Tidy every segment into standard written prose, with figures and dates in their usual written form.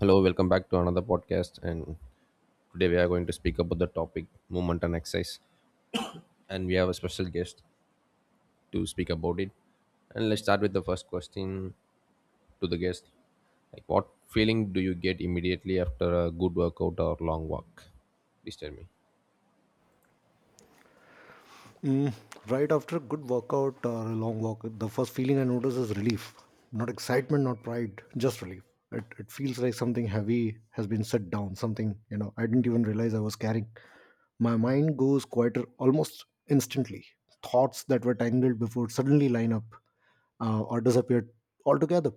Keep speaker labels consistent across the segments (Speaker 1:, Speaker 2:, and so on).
Speaker 1: Hello, welcome back to another podcast. And today we are going to speak about the topic movement and exercise. And we have a special guest to speak about it. And let's start with the first question to the guest. Like, what feeling do you get immediately after a good workout or long walk? Please tell me.
Speaker 2: Mm, right after a good workout or a long walk, the first feeling I notice is relief. Not excitement, not pride, just relief. It feels like something heavy has been set down, something, I didn't even realize I was carrying. My mind goes quieter almost instantly. Thoughts that were tangled before suddenly line up or disappear altogether.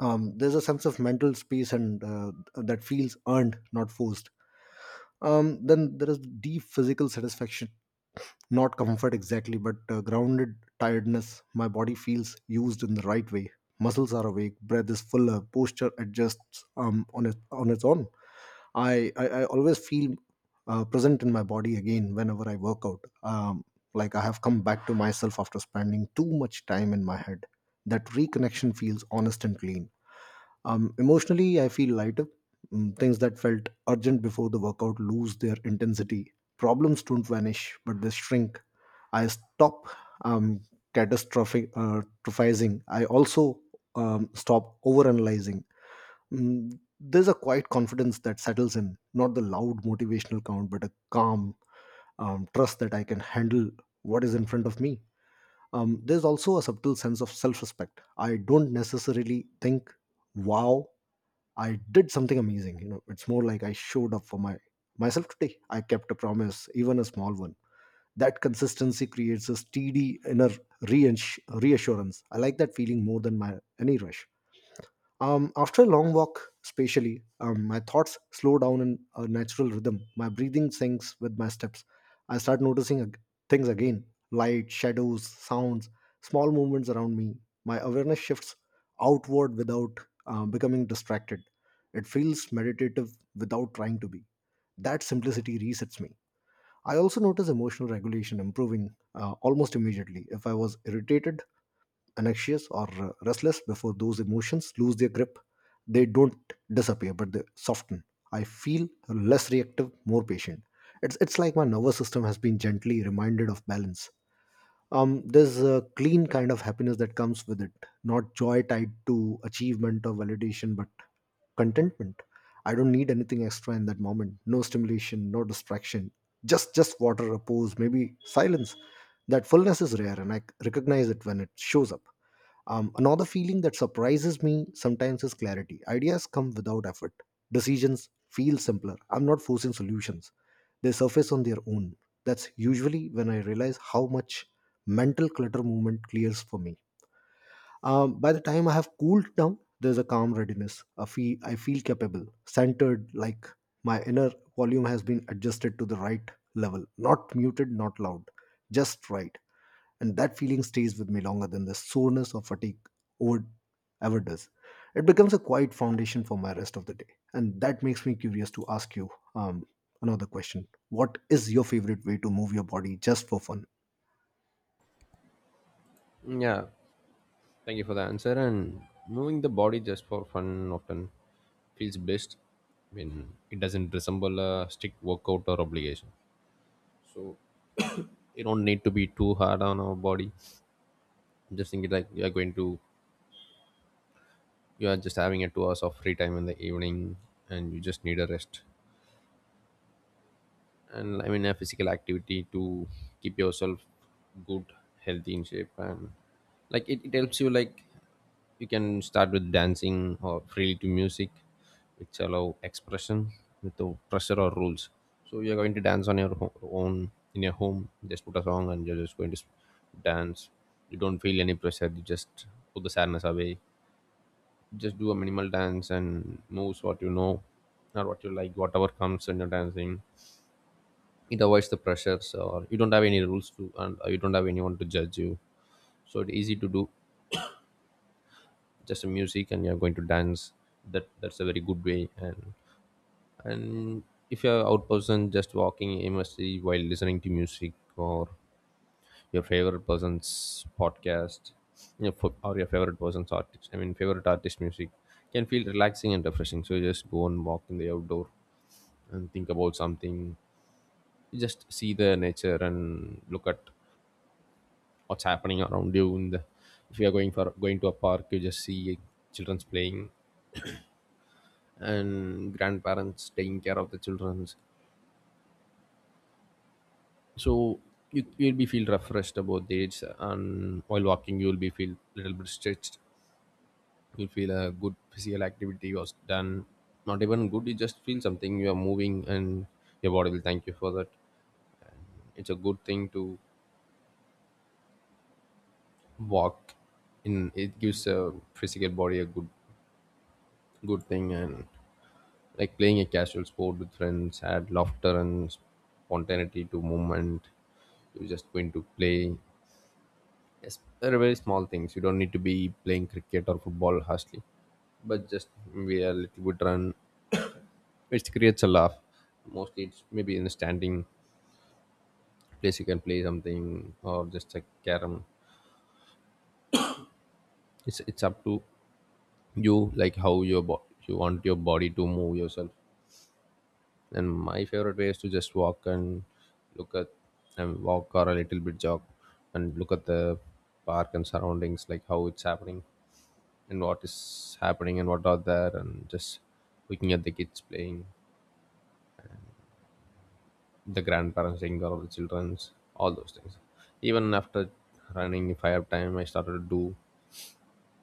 Speaker 2: There's a sense of mental space and that feels earned, not forced. Then there is deep physical satisfaction, not comfort exactly but grounded tiredness. My body feels used in the right way. Muscles are awake, breath is fuller, posture adjusts on, on its own. I always feel present in my body again whenever I work out. Like I have come back to myself after spending too much time in my head. That reconnection feels honest and clean. Emotionally, I feel lighter. Things that felt urgent before the workout lose their intensity. Problems don't vanish, but they shrink. I stop um, catastrophizing. I also stop overanalyzing. There's a quiet confidence that settles in, not the loud motivational count, but a calm trust that I can handle what is in front of me. There's also a subtle sense of self respect. I don't necessarily think, wow, I did something amazing. It's more like I showed up for my myself today. I kept a promise, even a small one. That consistency creates a steady inner reassurance. I like that feeling more than my any rush. After a long walk, especially, my thoughts slow down in a natural rhythm. My breathing syncs with my steps. I start noticing things again: light, shadows, sounds, small movements around me. My awareness shifts outward without becoming distracted. It feels meditative without trying to be. That simplicity resets me. I also notice emotional regulation improving almost immediately. If I was irritated, anxious, or restless before, those emotions lose their grip. They don't disappear, but they soften. I feel less reactive, more patient. It's like my nervous system has been gently reminded of balance. There's a clean kind of happiness that comes with it, not joy tied to achievement or validation, but contentment. I don't need anything extra in that moment. No stimulation, no distraction. Just water, a pose, maybe silence. That fullness is rare, and I recognize it when it shows up. Another feeling that surprises me sometimes is clarity. Ideas come without effort. Decisions feel simpler. I'm not forcing solutions, they surface on their own. That's usually when I realize how much mental clutter movement clears for me. By the time I have cooled down, there's a calm readiness. I feel capable, centered, like my inner volume has been adjusted to the right level. Not muted, not loud, just right, and that feeling stays with me longer than the soreness or fatigue would ever does. It becomes a quiet foundation for my rest of the day, and that makes me curious to ask you um, another question: What is your favorite way to move your body just for fun?
Speaker 1: Yeah, thank you for the answer. And moving the body just for fun often feels best when it doesn't resemble a strict workout or obligation. So you don't need to be too hard on our body. Just think it like you are going to, you are just having a 2 hours of free time in the evening and you just need a rest, and I mean a physical activity to keep yourself good, healthy, in shape. And like it helps you, like you can start with dancing or freely to music, which allow expression without pressure or rules. So you're going to dance on your own in your home, just put a song and you're just going to dance. You don't feel any pressure, you just put the sadness away, just do a minimal dance and moves what you know or what you like, whatever comes when you're dancing. It avoids the pressures, or you don't have any rules to, and you don't have anyone to judge you, so it's easy to do. Just music and you're going to dance. That's a very good way. And if you're out person, just walking aimlessly while listening to music or your favorite person's podcast, your or your favorite person's artist, I mean favorite artist music, can feel relaxing and refreshing. So you just go and walk in the outdoor and think about something. You just see the nature and look at what's happening around you in the, if you are going for going to a park, you just see children's playing and grandparents taking care of the children's. So you'll be feel refreshed about the age, and while walking you'll be feel little bit stretched. You'll feel a good physical activity was done. Not even good, you just feel something, you are moving, and your body will thank you for that. It's a good thing to walk. In it gives a physical body a good good thing. And like playing a casual sport with friends add laughter and spontaneity to movement. You're just going to play. Yes, very very small things. You don't need to be playing cricket or football harshly, but just maybe a little bit run which creates a laugh. Mostly it's maybe in the standing place you can play something, or just a carom. It's up to you, like how your you want your body to move yourself. And my favorite way is to just walk and look at, and walk or a little bit jog and look at the park and surroundings, like how it's happening and what is happening and what are there, and just looking at the kids playing, the grandparents taking care of the childrens, all those things. Even after running, if I have time, I started to do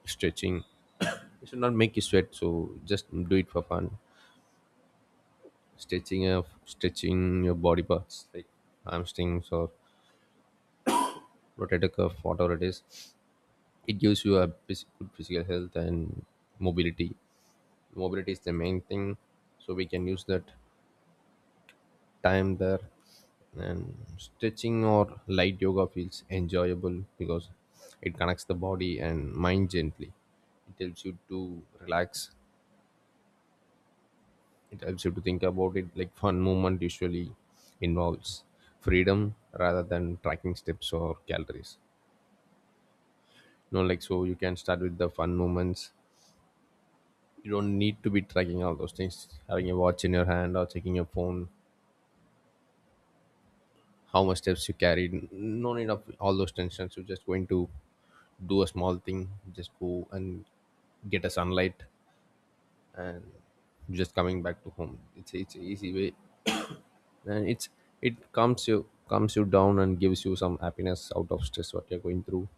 Speaker 1: stretching. It should not make you sweat, so just do it for fun. Stretching of stretching your body parts like hamstrings or rotator cuff, whatever it is, it gives you a good physical health and mobility. Mobility is the main thing, so we can use that time there. And stretching or light yoga feels enjoyable because it connects the body and mind gently. It helps you to relax. It helps you to think about it. Like fun movement usually involves freedom rather than tracking steps or calories. No, like, so you can start with the fun moments. You don't need to be tracking all those things, having a watch in your hand or checking your phone how much steps you carried, no need of all those tensions. You're just going to do a small thing, just go and get a sunlight, just coming back to home. It's an easy way, and it's, it calms you, calms you down and gives you some happiness out of stress what you're going through.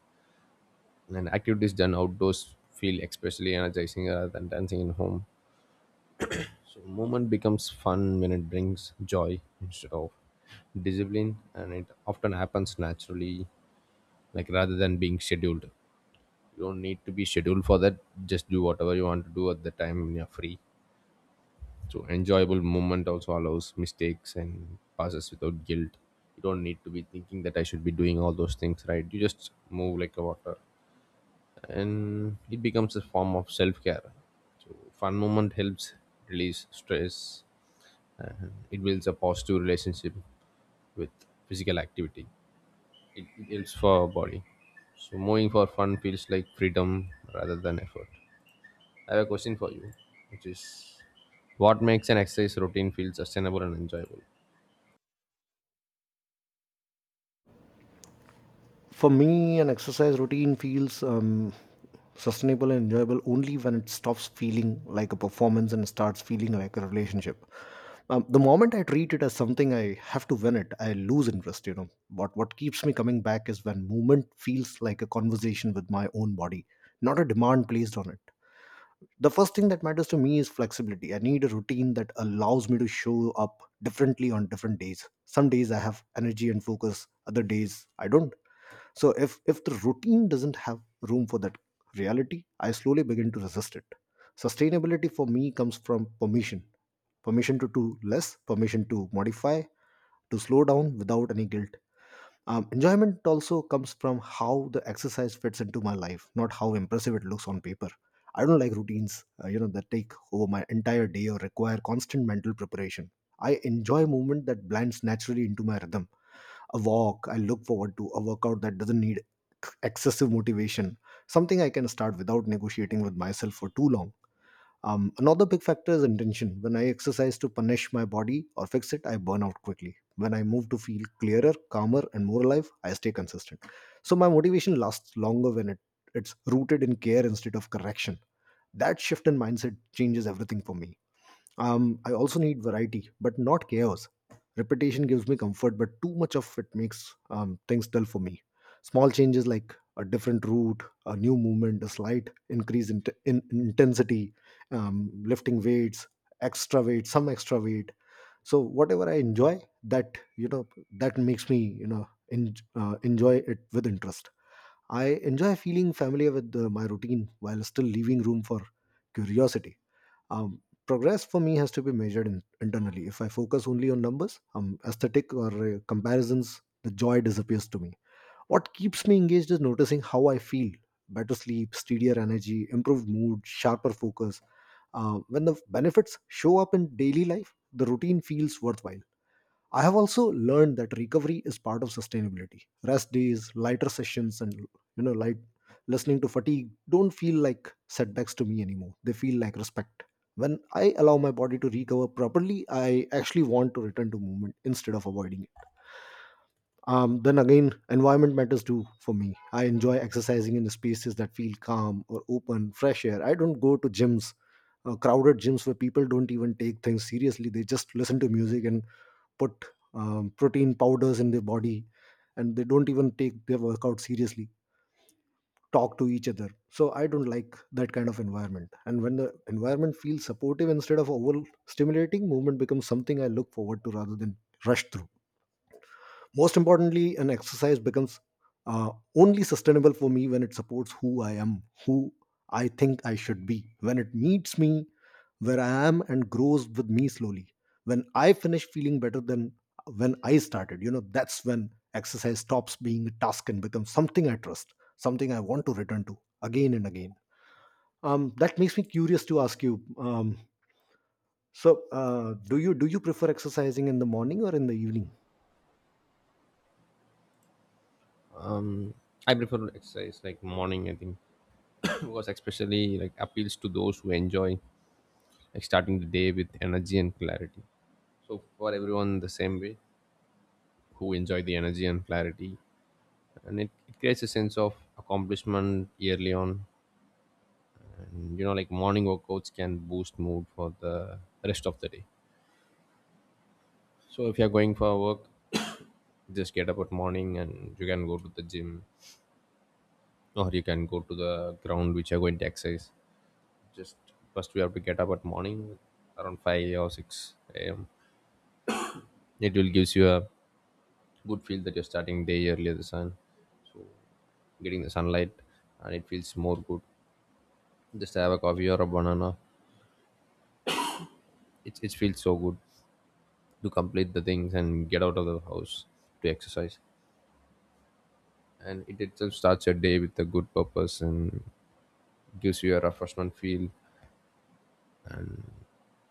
Speaker 1: And activities done outdoors feel especially energizing rather than dancing in home. So movement becomes fun when it brings joy instead of discipline, and it often happens naturally, like rather than being scheduled. You don't need to be scheduled for that. Just do whatever you want to do at the time when you're free. So enjoyable movement also allows mistakes and passes without guilt. You don't need to be thinking that I should be doing all those things right. You just move like a water, and it becomes a form of self care. So fun movement helps release stress, and it builds a positive relationship with physical activity. It helps for our body. So moving for fun feels like freedom rather than effort. I have a question for you, which is what makes an exercise routine feel sustainable and enjoyable?
Speaker 2: For me, an exercise routine feels sustainable and enjoyable only when it stops feeling like a performance and starts feeling like a relationship. The moment I treat it as something I have to win it, I lose interest. What keeps me coming back is when movement feels like a conversation with my own body, not a demand placed on it. The first thing that matters to me is flexibility. I need a routine that allows me to show up differently on different days. Some days I have energy and focus, other days I don't. So if the routine doesn't have room for that reality, I slowly begin to resist it. Sustainability for me comes from permission. Permission to do less, permission to modify, to slow down without any guilt. Enjoyment also comes from how the exercise fits into my life, not how impressive it looks on paper. I don't like routines that take over my entire day or require constant mental preparation. I enjoy movement that blends naturally into my rhythm, a walk I look forward to, a workout that doesn't need excessive motivation, something I can start without negotiating with myself for too long. Another big factor is intention. When I exercise to punish my body or fix it, I burn out quickly. When I move to feel clearer, calmer, and more alive, I stay consistent. So my motivation lasts longer when it's rooted in care instead of correction. That shift in mindset changes everything for me. I also need variety, but not chaos. Repetition gives me comfort, but too much of it makes things dull for me. Small changes like a different route, a new movement, a slight increase in, t- in intensity, lifting weights, extra weight, some extra weight. So whatever I enjoy, that makes me enjoy it with interest. I enjoy feeling familiar with my routine while still leaving room for curiosity. Progress for me has to be measured in, internally. If I focus only on numbers, aesthetic, or comparisons, the joy disappears to me. What keeps me engaged is noticing how I feel: better sleep, steadier energy, improved mood, sharper focus. When the benefits show up in daily life, the routine feels worthwhile. I have also learned that recovery is part of sustainability. Rest days, lighter sessions, and light listening to fatigue don't feel like setbacks to me anymore. They feel like respect. When I allow my body to recover properly, I actually want to return to movement instead of avoiding it. Then again, environment matters too for me. I enjoy exercising in spaces that feel calm or open, fresh air. I don't go to gyms, crowded gyms where people don't even take things seriously. They just listen to music and put protein powders in their body, and they don't even take their workout seriously, talk to each other. So I don't like that kind of environment. And when the environment feels supportive instead of overstimulating, movement becomes something I look forward to rather than rush through. Most importantly, an exercise becomes uh, only sustainable for me when it supports who I am, who I think I should be, when it meets me where I am and grows with me slowly. When I finish feeling better than when I started, that's when exercise stops being a task and becomes something I trust, something I want to return to again and again. That makes me curious to ask you. So, do you prefer exercising in the morning or in the evening?
Speaker 1: I prefer exercise like morning, I think, because especially like appeals to those who enjoy like starting the day with energy and clarity. So for everyone the same way, who enjoy the energy and clarity. And it creates a sense of accomplishment early on, you know, like morning workouts can boost mood for the rest of the day. So if you're going for work, just get up at morning and you can go to the gym, or you can go to the ground which you're going to exercise. Just, first we have to get up at morning around 5 or 6 a.m. It will gives you a good feel that you're starting day earlier, the sun, getting the sunlight, and it feels more good. Just have a coffee or a banana. It feels so good to complete the things and get out of the house to exercise. And it itself starts your day with a good purpose and gives you a refreshment feel.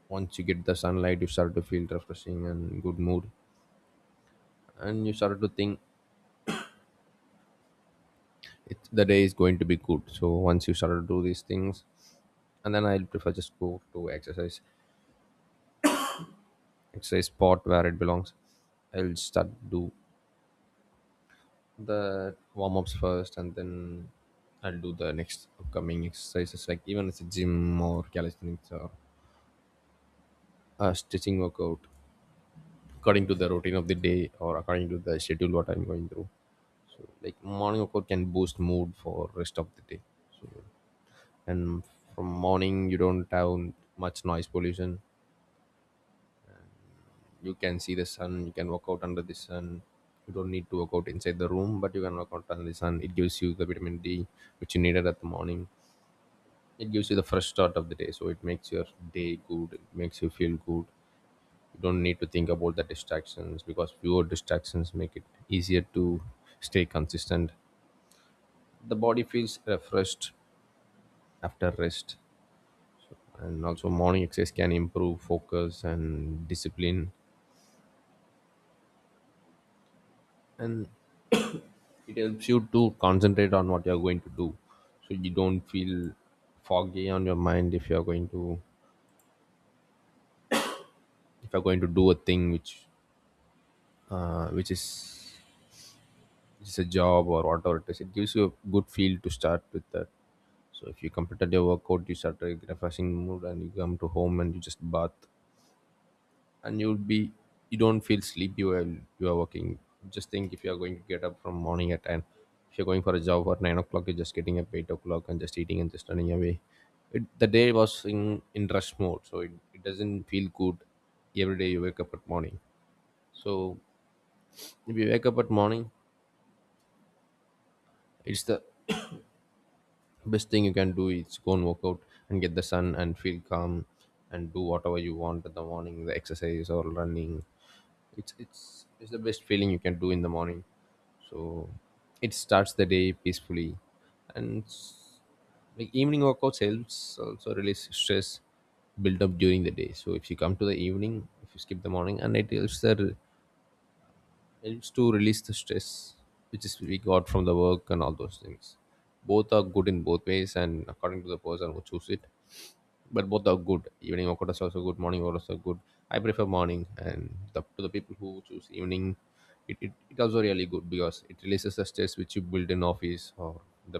Speaker 1: Once you get the sunlight, you start to feel refreshing and good mood, and you start to think, the day is going to be good. So once you start to do these things, and then I'll prefer just go to exercise, exercise spot where it belongs. I'll start do the warm-ups first, and then I'll do the next upcoming exercises, like even it's a gym or calisthenics or a stretching workout, according to the routine of the day or according to the schedule what I'm going through. Like morning of course can boost mood for rest of the day. And from morning you don't have much noise pollution. You can see the sun, you can work out under the sun. You don't need to work out inside the room, but you can work out under the sun. It gives you the vitamin D, which you needed at the morning. It gives you the fresh start of the day, so it makes your day good, it makes you feel good. You don't need to think about the distractions, because fewer distractions make it easier to stay consistent. The body feels refreshed after rest. And also morning exercise can improve focus and discipline, and it helps you to concentrate on what you're going to do. So you don't feel foggy on your mind if you're going to, if you're going to do a thing which uh, which is which is a job or whatever it is, it gives you a good feel to start with that. So if you completed your workout, you start a refreshing mood, and you come to home and you just bath, and you'd be, you don't feel sleepy while you are working. Just think if you are going to get up from morning at 10, if you're going for a job at 9 o'clock, you're just getting up 8 o'clock and just eating and just running away. The day was in rush mode, so it doesn't feel good. Every day you wake up at morning. So if you wake up at morning, it's the best thing you can do is go and work out and get the sun and feel calm, and do whatever you want in the morning, the exercise or running. It's the best feeling you can do in the morning. So it starts the day peacefully, and like evening workouts helps also release stress built up during the day. So if you come to the evening, if you skip the morning, and it helps the, helps to release the stress which is we got from the work and all those things. Both are good in both ways, and according to the person who choose it, but both are good. Evening workout is also good. Morning workout is also good. I prefer morning, and to the people who choose evening, it also really good because it releases the stress which you build in office or the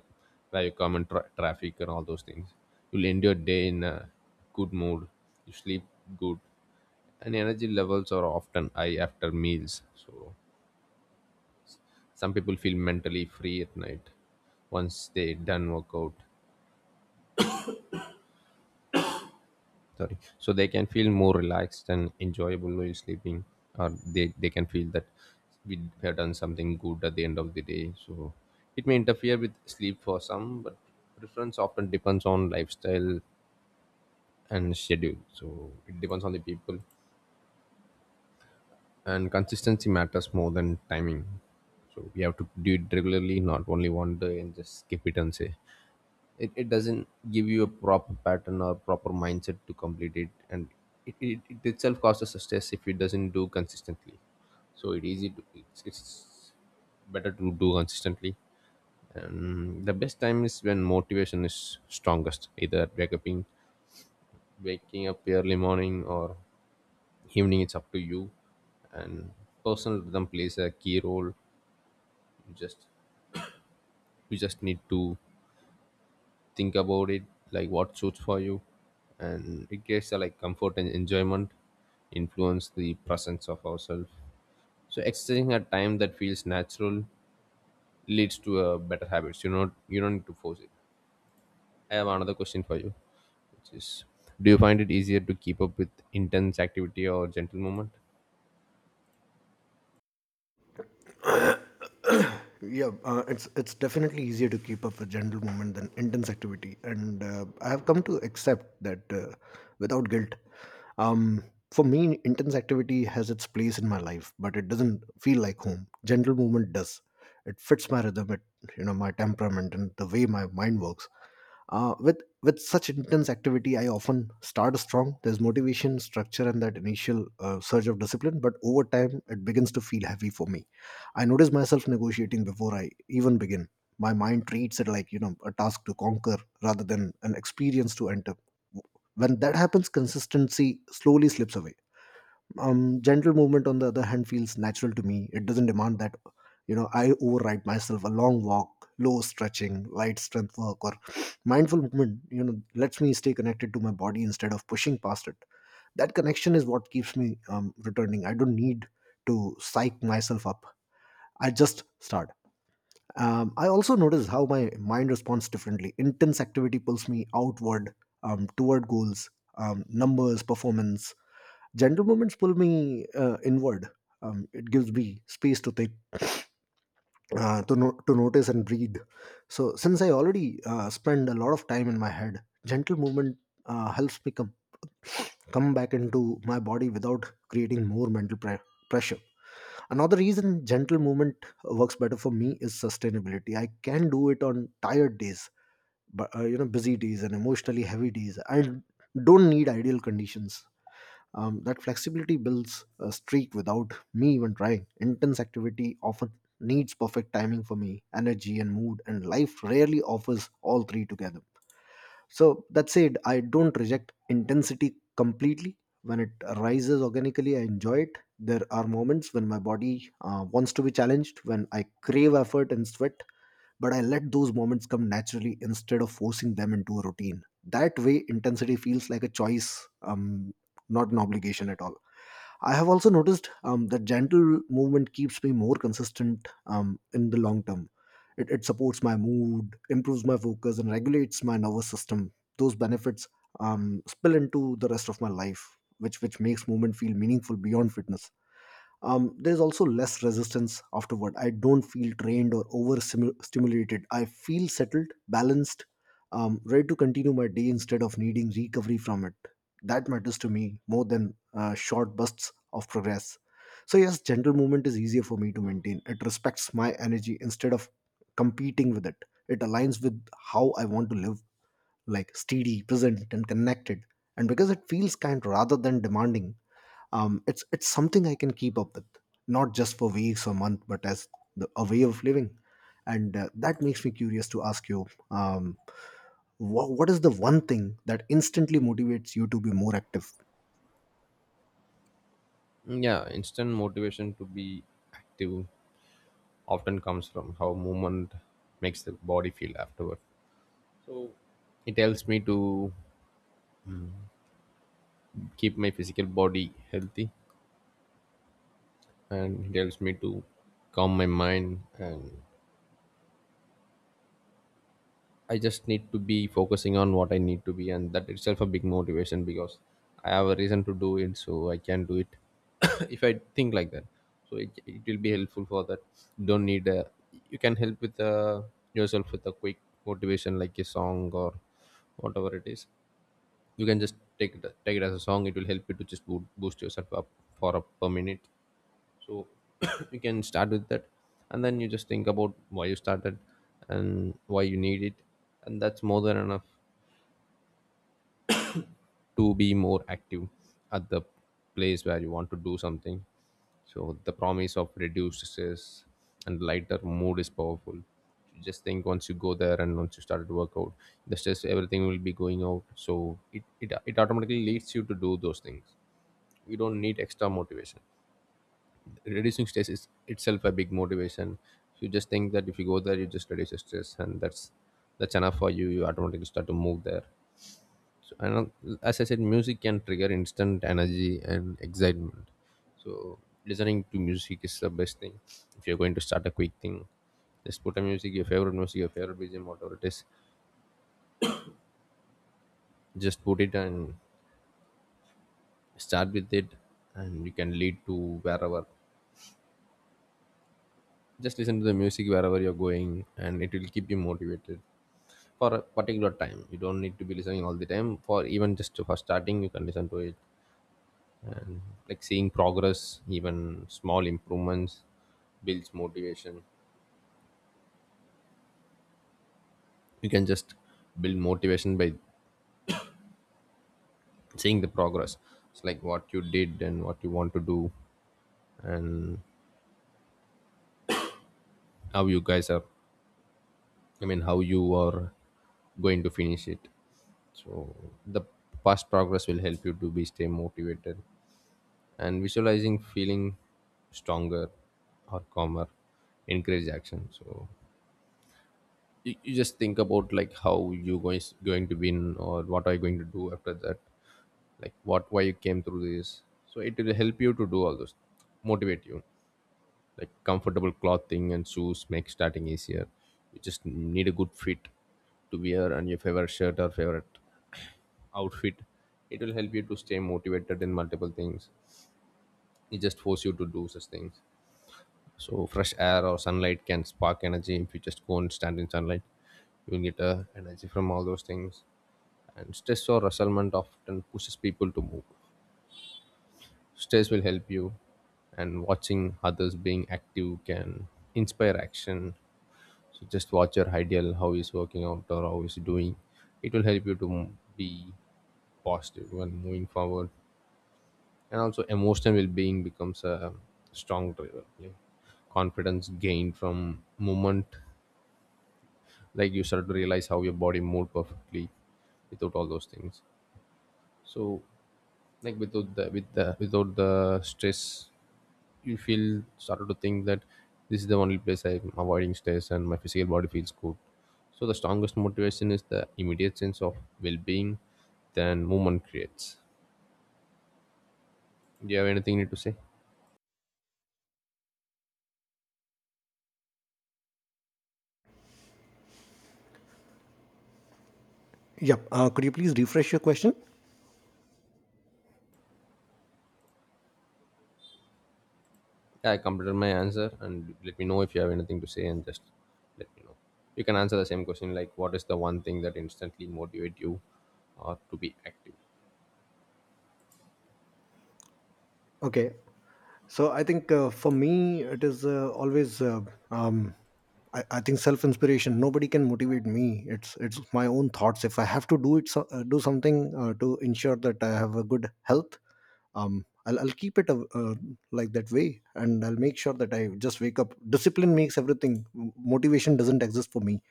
Speaker 1: where you come in traffic and all those things. You'll end your day in a good mood. You sleep good, and energy levels are often high after meals. So some people feel mentally free at night once they done workout sorry, so they can feel more relaxed and enjoyable while sleeping, or they can feel that we have done something good at the end of the day, so it may interfere with sleep for some, but preference often depends on lifestyle and schedule, so it depends on the people, and consistency matters more than timing. So we have to do it regularly, not only one day and just skip it and say it doesn't give you a proper pattern or proper mindset to complete it. And it itself causes a stress if it doesn't do consistently. So it easy to it's better to do consistently. And the best time is when motivation is strongest, either wake up waking up early morning or evening, it's up to you. And personal rhythm plays a key role. you just you just need to think about it, like what suits for you, and it gives a like comfort and enjoyment, influence the presence of ourselves. So exercising at time that feels natural leads to a better habits, you don't need to force it. I have another question for you, which is, do you find it easier to keep up with intense activity or gentle movement?
Speaker 2: Yeah, it's definitely easier to keep up with gentle movement than intense activity, and I have come to accept that without guilt. Um, for me, intense activity has its place in my life, but it doesn't feel like home. Gentle movement does. It fits my rhythm, it my temperament and the way my mind works. With such intense activity, I often start strong. There's motivation, structure, and that initial surge of discipline. But over time it begins to feel heavy for me. I notice myself negotiating before I even begin. My mind treats it like a task to conquer rather than an experience to enter. When that happens, consistency slowly slips away. Gentle movement, on the other hand, feels natural to me. It doesn't demand that I override myself. A long walk, low stretching, light strength work, or mindful movement, lets me stay connected to my body instead of pushing past it. That connection is what keeps me returning. I don't need to psych myself up. I just start. I also notice how my mind responds differently. Intense activity pulls me outward, toward goals, numbers, performance. Gentle moments pull me inward. It gives me space to think, to no- to notice and breathe. So since I already spend a lot of time in my head, gentle movement helps me come back into my body without creating more mental pressure. Another reason gentle movement works better for me is sustainability. I can do it on tired days, but busy days and emotionally heavy days. I don't need ideal conditions. That flexibility builds a streak without me even trying. Intense activity often needs perfect timing for me, energy and mood, and life rarely offers all three together. So that said, I don't reject intensity completely. When it arises organically, I enjoy it. There are moments when my body wants to be challenged, when I crave effort and sweat, but I let those moments come naturally instead of forcing them into a routine. That way, intensity feels like a choice, not an obligation at all. I have also noticed that gentle movement keeps me more consistent in the long term. It supports my mood, improves my focus, and regulates my nervous system. Those benefits spill into the rest of my life, which makes movement feel meaningful beyond fitness. There's also less resistance afterward. I don't feel drained or over stimulated. I feel settled, balanced, ready to continue my day instead of needing recovery from it. That matters to me more than short bursts of progress. So yes, gentle movement is easier for me to maintain. It respects my energy instead of competing with it. It aligns with how I want to live, like steady, present, and connected. And because it feels kind rather than demanding, it's something I can keep up with, not just for weeks or months, but as a way of living. And that makes me curious to ask you, what is the one thing that instantly motivates you to be more active?
Speaker 1: Yeah, instant motivation to be active often comes from how movement makes the body feel afterward. It helps me to keep my physical body healthy, and it helps me to calm my mind. And I just need to be focusing on what I need to be, and that itself a big motivation, because I have a reason to do it, so I can do it. If I think like that, so it will be helpful for that. Don't need a, you can help with yourself with a quick motivation, like a song or whatever it is. You can just take it, take it as a song, it will help you to just boost yourself up for a per minute. So you can start with that, and then you just think about why you started and why you need it, and that's more than enough to be more active at the place where you want to do something. So the promise of reduced stress and lighter mood is powerful. You just think, once you go there and once you started workout, the stress everything will be going out, so it it automatically leads you to do those things. You don't need extra motivation. Reducing stress is itself a big motivation. You just think that if you go there, you just reduce your stress, and that's enough for you, you automatically start to move there. So and as I said, music can trigger instant energy and excitement. So listening to music is the best thing. If you're going to start a quick thing, just put a music, your favorite music, your favorite bgm, whatever it is, just put it and start with it, and you can lead to wherever. Just listen to the music wherever you're going, and it will keep you motivated for a particular time. You don't need to be listening all the time, for even just for starting you can listen to it. And like seeing progress, even small improvements builds motivation. You can just build motivation by seeing the progress. It's like what you did and what you want to do and how you guys are, I mean how you are going to finish it. So the past progress will help you to be stay motivated. And visualizing feeling stronger or calmer encourage action. So you just think about like how you going to win or what are you going to do after that, like what why you came through this, so it will help you to do all those, motivate you. Like comfortable clothing and shoes make starting easier. You just need a good fit to wear, and your favorite shirt or favorite outfit, it will help you to stay motivated in multiple things. It just force you to do such things. So fresh air or sunlight can spark energy. If you just go and stand in sunlight, you will get energy from all those things. And stress or resentment often pushes people to move. Stress will help you, and watching others being active can inspire action. So just watch your ideal, how he's working out or how he's doing. It will help you to be positive when moving forward. And also emotional well-being becomes a strong driver. Yeah. Confidence gained from movement, like you start to realize how your body moved perfectly without all those things. So like without the stress you feel started to think that this is the only place I'm avoiding stress and my physical body feels good. So the strongest motivation is the immediate sense of well-being than movement creates. Do you have anything you need to say?
Speaker 2: Yep. Could you please refresh your question?
Speaker 1: Yeah, I completed my answer, and let me know if you have anything to say, and just let me know. You can answer the same question, like what is the one thing that instantly motivate you to be active?
Speaker 2: Okay. So I think for me, it is always. Um, I think self inspiration. Nobody can motivate me. It's my own thoughts. If I have to do it, so, do something to ensure that I have a good health. I'll keep it like that way, and I'll make sure that I just wake up. Discipline makes everything. Motivation doesn't exist for me.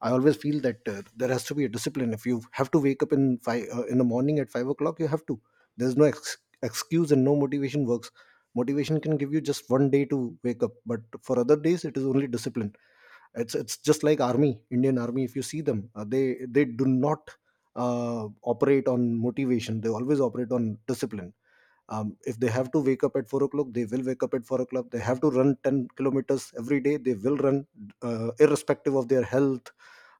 Speaker 2: I always feel that there has to be a discipline. If you have to wake up in the morning at 5 o'clock, you have to. There's no excuse, and no motivation works. Motivation can give you just one day to wake up, but for other days, it is only discipline. It's just like army, Indian army. If you see them, they do not operate on motivation. They always operate on discipline. If they have to wake up at 4 o'clock, they will wake up at 4 o'clock. They have to run 10 kilometers every day. They will run, irrespective of their health,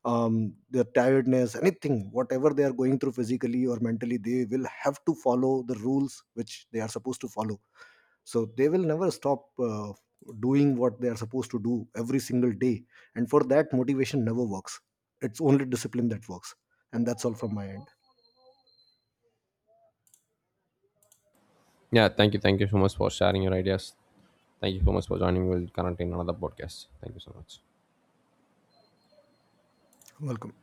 Speaker 2: their tiredness, anything, whatever they are going through physically or mentally, they will have to follow the rules which they are supposed to follow. So they will never stop doing what they are supposed to do every single day. And for that, motivation never works. It's only discipline that works. And that's all from my end.
Speaker 1: Yeah, thank you. Thank you so much for sharing your ideas. Thank you so much for joining. We'll connect in another podcast. Thank you so much.
Speaker 2: Welcome.